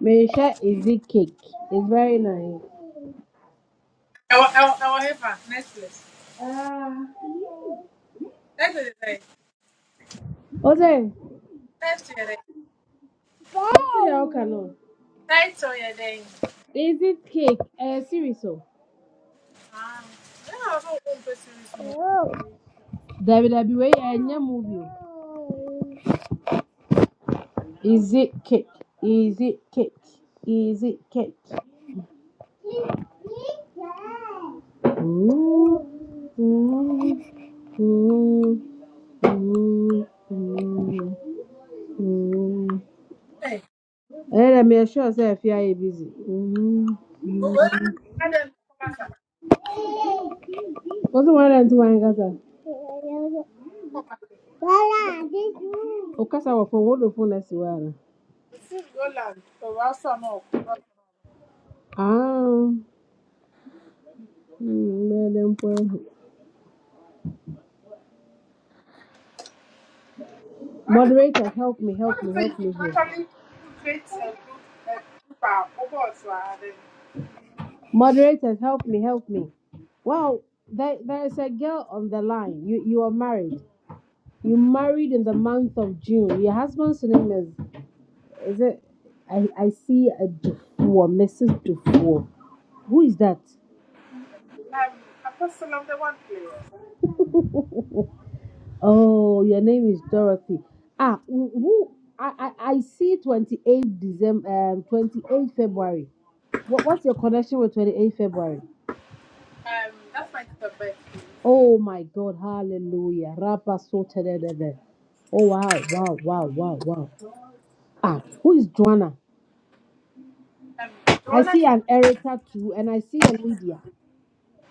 Meisha Easy Cake. It's very nice. ɛwɔ ɛwɔ ɛwɔ he fa netflix netflix yɛ dɛn Ose, netflix yɛ dɛn see how can on. title yɛ dɛn Easy Cake. Eh, series o. aa ɛna ɔsɔ ɔkɔ Dabi dabi wey enye movie o. Easy Cake. Easy Cake. Easy Cake. Ooh, ooh, ooh, ooh, ooh, ooh. Hey, Eh, let me assure say if you are busy. Ooh, go mu ɛy roland adam ɔkɔba sa ooh. What's the one that's one Gaza? ɔkɔba Wala, this room. Okasa wa phone. What the phone that's one? osi roland ɔwɔ asɔ na ɔkɔba Ah. hmm, let them phone. ɔno Moderators, help me, What help do me, you help me think? What here. do you think? You can actually create a group a group of ɔbɔ ɔtɔ a dɛn Moderators, help me, help me. Well, there, there is a girl on the line. You you are married. You married in the month of June. Your husband's name is is it? I I see a Dufour, Mrs. Dufour. Who is that? um apostle of the one place Oh, your name is Dorothy. Ah, who, who I, I I see twenty eighth December, um, twenty eighth February. What, what's your connection with twenty eighth February? um that's my sister best Oh my God, hallelujah. Rabba so tedede. Oh wow, wow, wow, wow, wow. Ah, who is Joanna? um I roland see an Erica too, and I see a Lydia.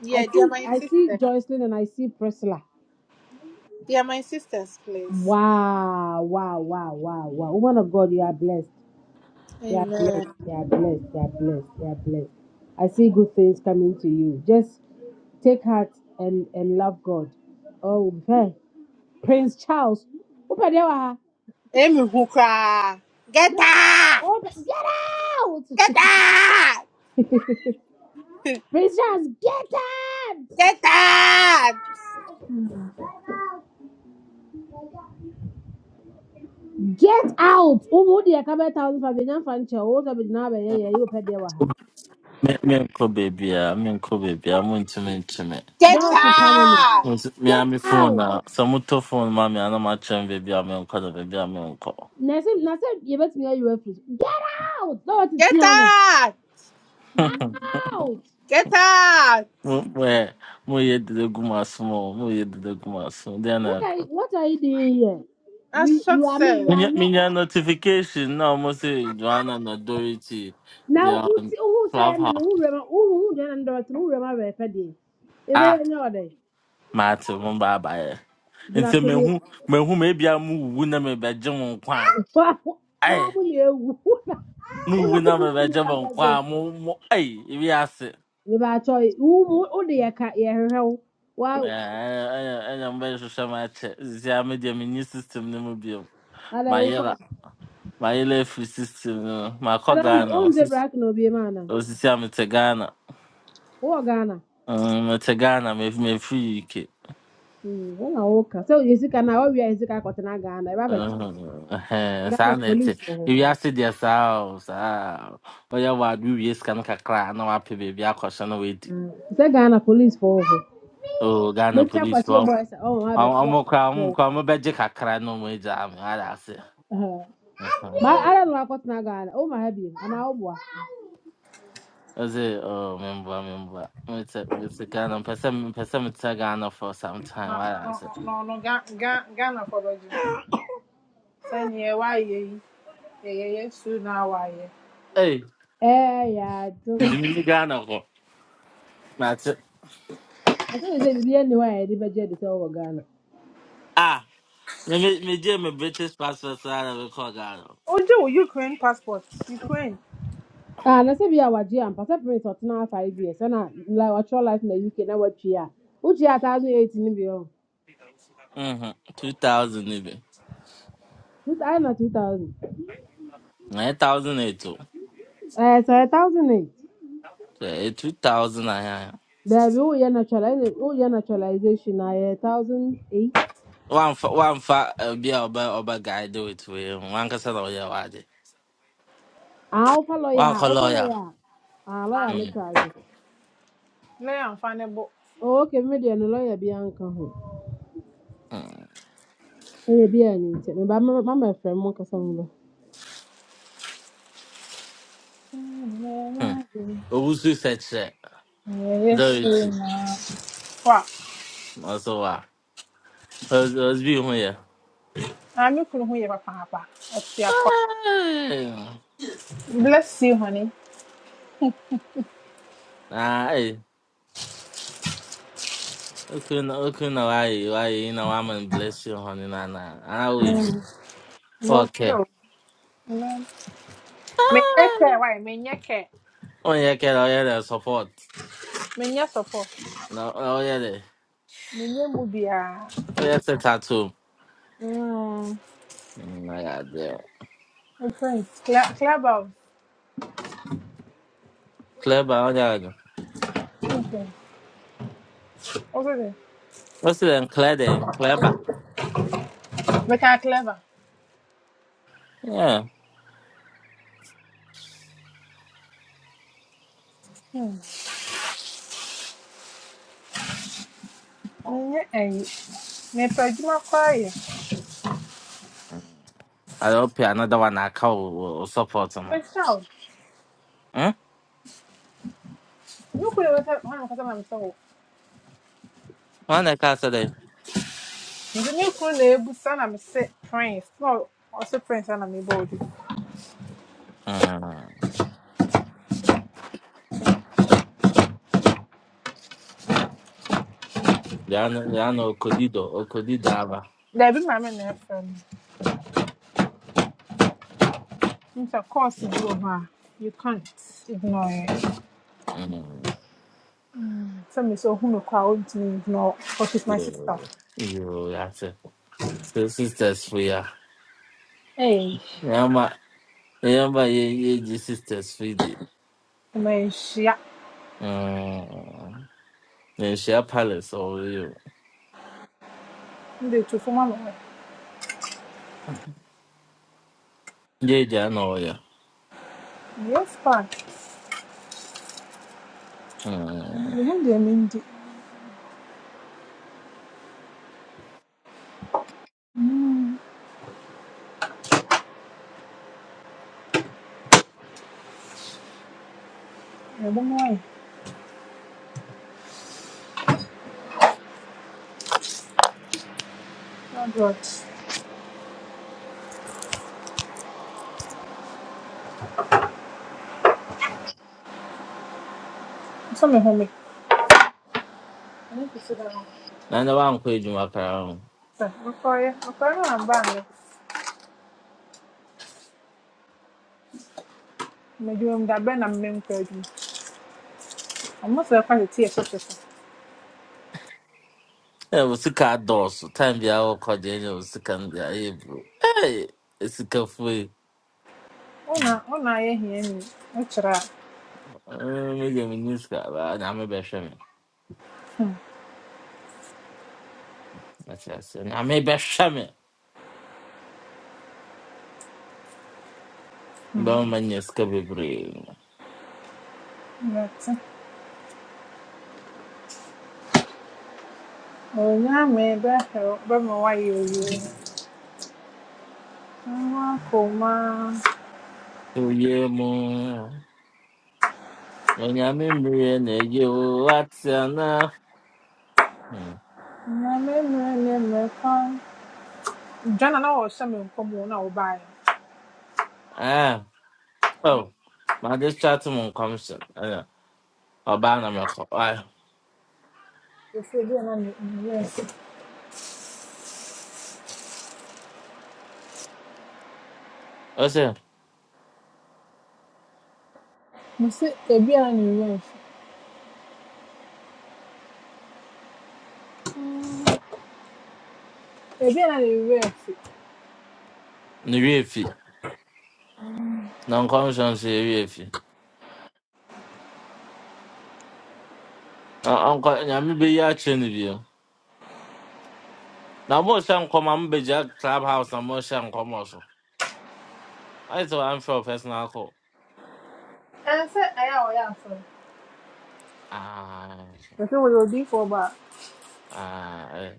yeah I they are see my I see sisters Joycelyn and I see Priscilla. they are my sisters please Wow, wow, wow, wow, wow. Woman of God, you are blessed. They are amen. blessed. They are blessed. They are blessed. They are blessed. I see good things coming to you. Just take heart and and love God. Oh, hey, Prince Charles. Open the door. Emihụ koraa. Get out! Open- Get out! Get out! Prince Charles, get out! Get out! Get out! Oh, what the Akabe thousand for Benjamin Fancher? What the Benjamin Abe? Yeah, yeah, you open the door. Me- me menkɔ baabiaa menkɔ baabiaa montumi nkye me Get Don't keep coming. out! Nti mea Get me out! phone a sɛ motɔ phone ma me ana ma chem baby a na makyerɛ me baabi a menkɔ na baabi a menkɔ na sɛ na sɛ yɛbɛtumi ayi wa firi so get out na wɔtete Get ano out! out Get out! Mo- moyɛ moyɛ dede gu m asom Mo moyɛ de gu m asom deɛ na what are ɛkɔ you, what are you doing here we you are mean you Asọksef. are Menya- not menya notification na ɔmo sɛ joanna na dorothy they na wohu are wohu on Who yɛ me no clubhouse Who wɛma wohu wohu deɛ na dɔɔte no wohu wɛma bɛɛpɛ deɛ ɛsɛ ah yɛ nyɛ ɔdɛ maate mo baabaeɛ nti gyina so ne mehu mehu mebia mowuwu na mebɛgye mo nkwa wa a wa ɛɛ mo na ewu wona wona mowuwu na mo ni nyɛ mebɛgye ba mo nkwa bɛdwo a mo mo ɛi ebi ase mebaakyɛ wo mu wode yɛ ka yɛhwehwɛ wo wa ɛna ɛna- ɛna mobɛhwehwɛ m'akyɛ zia me deɛ menye system no mu biom ada wo kwa mayera mayera afiri system no mu makɔ ada wo ghana on Osis- brak No, be ma ana osisi a mete ghana wowɔ ghana Mm, mete ghana mef- mefiri uk Mm, ụlọ ụka so ezikana ọbịa ezikakọtana Ghana ebe abacha Mhm. Ɛhɛn, Ghana saa na ɛte police for who? ewiase deɛ saa o saa ɔyɛ wɔ ade wie sika no kakra a na wapɛ baabi akɔhyɛ no wadi Mm. Say Ghana police for who? o ghana mecha police kwachi ɔ- ịgba ọsọ ọma ma ɔmo abacha ɔmo koraa ɔmo koraa ɔmo bɛgye kakra na ɔmo agyaa me adaase ma ara nọ akọtana Ghana ụmụ ha bi ana ụgbọ Was it? oh, memboa, memboa. Mete, mete Ghana, mpɛ sɛ, mpɛ sɛ mete Ghana for some time, Na No, wadaase. no, no, no, ga ga Ghana fọrọdụ. Sani ẹwà ayé yìí. Ẹyẹ yẹ ye ye na awọ ayé. ye. Ei, ee ya dum the mini Ghana hɔ. it? asị na bibi ya niwa ya edibe je edise ọwọ Ghana ah, me, me, megye me British passport saa na mekɔɔ Ghana. jẹ́ wò Ukraine passport. Ukraine ah na sebi ya waji ya mpa sɛ prince ɔtena afa ibi yɛ sɛna like ɔkyerɛ life na UK na watwi a wotwi a thousand eight ne bi hɔ Mhm, 2000 even. two thousand na two thousand Nine thousand eight ɛyɛ 2008 o. ɛɛ sɛ thousand eight Sɛ ɛyɛ 2000 a ɛyɛ a, Baby, oh yeah, naturalization. Oh yeah, naturalization. I a thousand eight. Wamfa, wamfa eh, obi a ɔbɛ, ɔbɛ guide wo to wei ho. Wankasa lawyer. ɔyɛ wade. Ah, opa lawyer, Wankɔ opa lawyer. lawyer. Ah, lawyer me Mm, charge. lẹ́yìn àǹfààní bò. Oh, okay, me dey no lawyer bi anka ho. mm, Eh, bi an nti. Me ba ma ma ma friend mo kasa mo. mm. Owu so sɛ kyerɛ. Ẹyẹ yẹ su Dorothy, na. Wa, ɔso wa. Ɔs- Ɔsbi ho yɛ. àmì kùnú hu Papa. pàpàpà. your àpá. Hey. Bless you honey. Aye. Okay, no, okay, no, why, why, you know, I'm gonna bless you, honey, nah, nah. I will. you. Wɔmfrɛ Okay. wo. Amen. Menyɛ kɛ Aye. wae, menyɛ kɛ. Oh, yeah, kid, oh, yeah, the support. Menyɛ sɔpɔ. No, oh, yeah, the, Menyɛ mu biara. oh, yeah, it's a tattoo. Mm. Mm, My God, yeah. Mfɛn. Cla- Clever. Clever, oh, yeah. Okay. Wosɛ dɛ? What's it then? Clever, then? Clever. Meka clever. Yeah. Hmm. Menyɛ ɛyi. Mepɛ adwuma koraa yɛ. I hope you another one I call will will support him. Mehyɛ wo. Hmm? Me kunu na mekasa na mekasa na mesɛ wo. One that can't say that. Nti me kunu na ebusa na mese prince. Na ɔse prince and I'm a din. Hmm. Yeah, no, yeah, no, Kodido, Okodido, Ava. Dabi maame na ɛfrɛ me. Nti sɛ course bi wɔ hɔ a, you can't ignore it. Hmm. sɛ me sɛ ohunu kɔ a ɔntumi ngyina hɔ because she's my Yeah. sister You, that's it. So sisters free ah. Hey, Remember, remember ye ye ye sisters free di. ɔmanhyia Hmm. Then share palace or you. mede to fam ama me Ye je na o ya. yes pa Hmm. me ho deɛ mendi mebɔ mu ayɛ adrot I'm ɛne kɛsi da no Na na wa nko ejuma kara ho. sɛ mekɔyɛ mekɔyɛ no amba no medwuma mu da bɛn na memmenkɔ adwuma ɔmo sɛ ɛkɔ tete ɛhyɛ hyɛ so Eh wo sika dɔɔso. Time bia wo kɔ de wo sika no bia ye bro. Hey, sika free. wona Hmm. wona ayɛ hia ni wokyerɛ a Me ge me ni sika ba na me bɛ hwɛ me. hmm, Na kyerɛ sɛ na me bɛ hwɛ me. Ba ma nyɛ sika bebree. mɛte onyame bɛhɛw bɛma woayɛ owie nwa koma So ye mo. Onyame mmiri na-eyi owu Mm. nyame mmerɛ ne mmerɛ kwan Ghana na ɔhyɛ me nkɔm wɔ na ɔbaeɛ Ah, oh, my this chat mon commission. Eh, oba na me ko. Ah, no ɔsɛ ebi a na ne ne werɛ afi o se me sɛ ebi a na ne werɛ afi ebi a na ne werɛ afi ni wie fi. Na commission se wie fi. Onko nya me be ya che ni bi. Na mo se nko ma mbe ja clubhouse na mo se nko mo so. I so am for personal call. ɛnsɛ ɛyɛ a ɔyɛ asɔre Ah, ɛsɛ wɔyɛ odiifo ɔba ah, eh,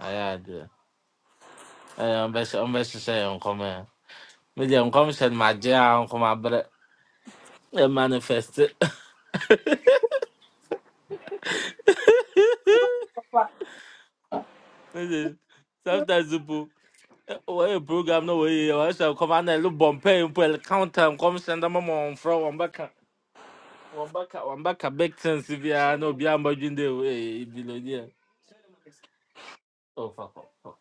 I had. Eh, on be on be se nko me. Me de commission ma je nko ma bre. E manifest. a ɔba Sometimes you Why program no way? I shall come and look bumpy and pull counter and come send them on from one back. One back, one back, a big sense if you are no beyond by the way, below there. Oh, fuck, fuck, fuck.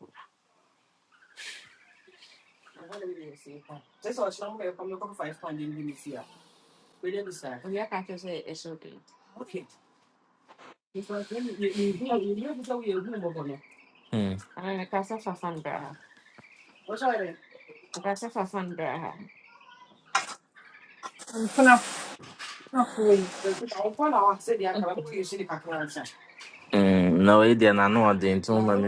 We are catching say it's okay. ɛm- Hmm. I can't say for fun, brah. I can't say for fun, mpena mpenafoɔ yi brah. Mm, no, it did. I know I didn't. Too much.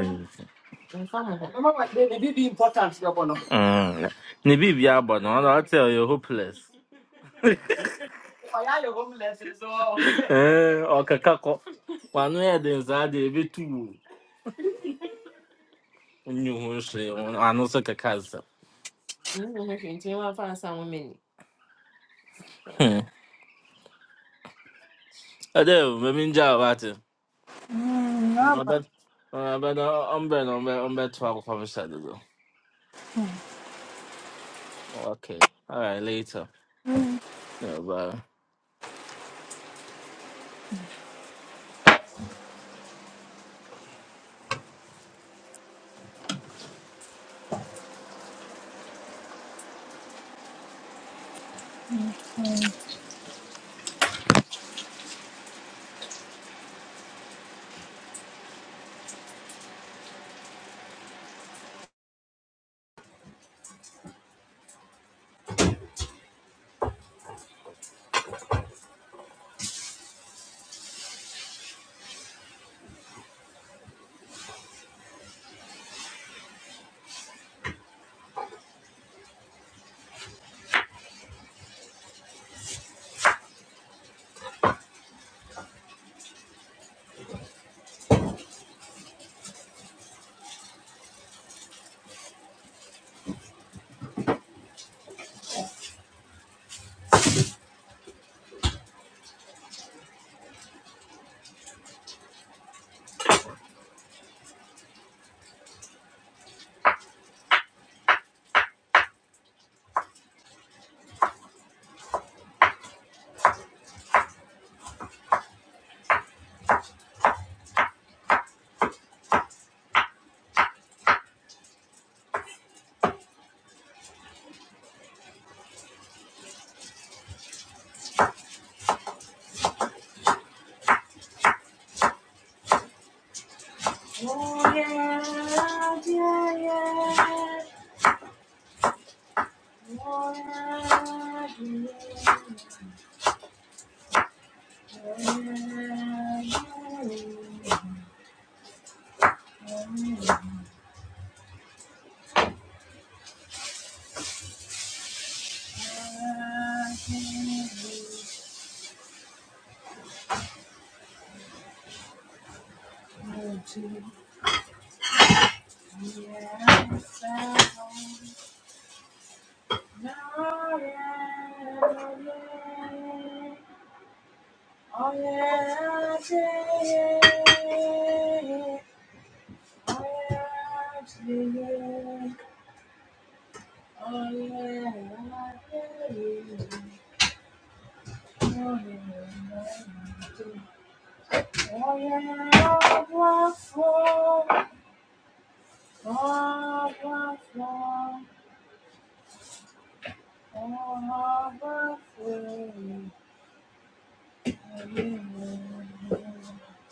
be important yɛbɔ no Mm. Nibi biya but no, I'll tell you hopeless. ɔyɛ ayɛ homeless so Eh, or kakako. One way the inside the bit too. New Hampshire, I know so kakasa. nti wafa asa wo mani Hmm. I do. Maybe in jail about it. Mm, I aba bet. I bet. I'm bet. I'm bet. I'm bet. Twelve cover shadow. Okay. All right. Later. Yeah. Bye. Mm.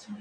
Oh,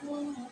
Oh, yeah,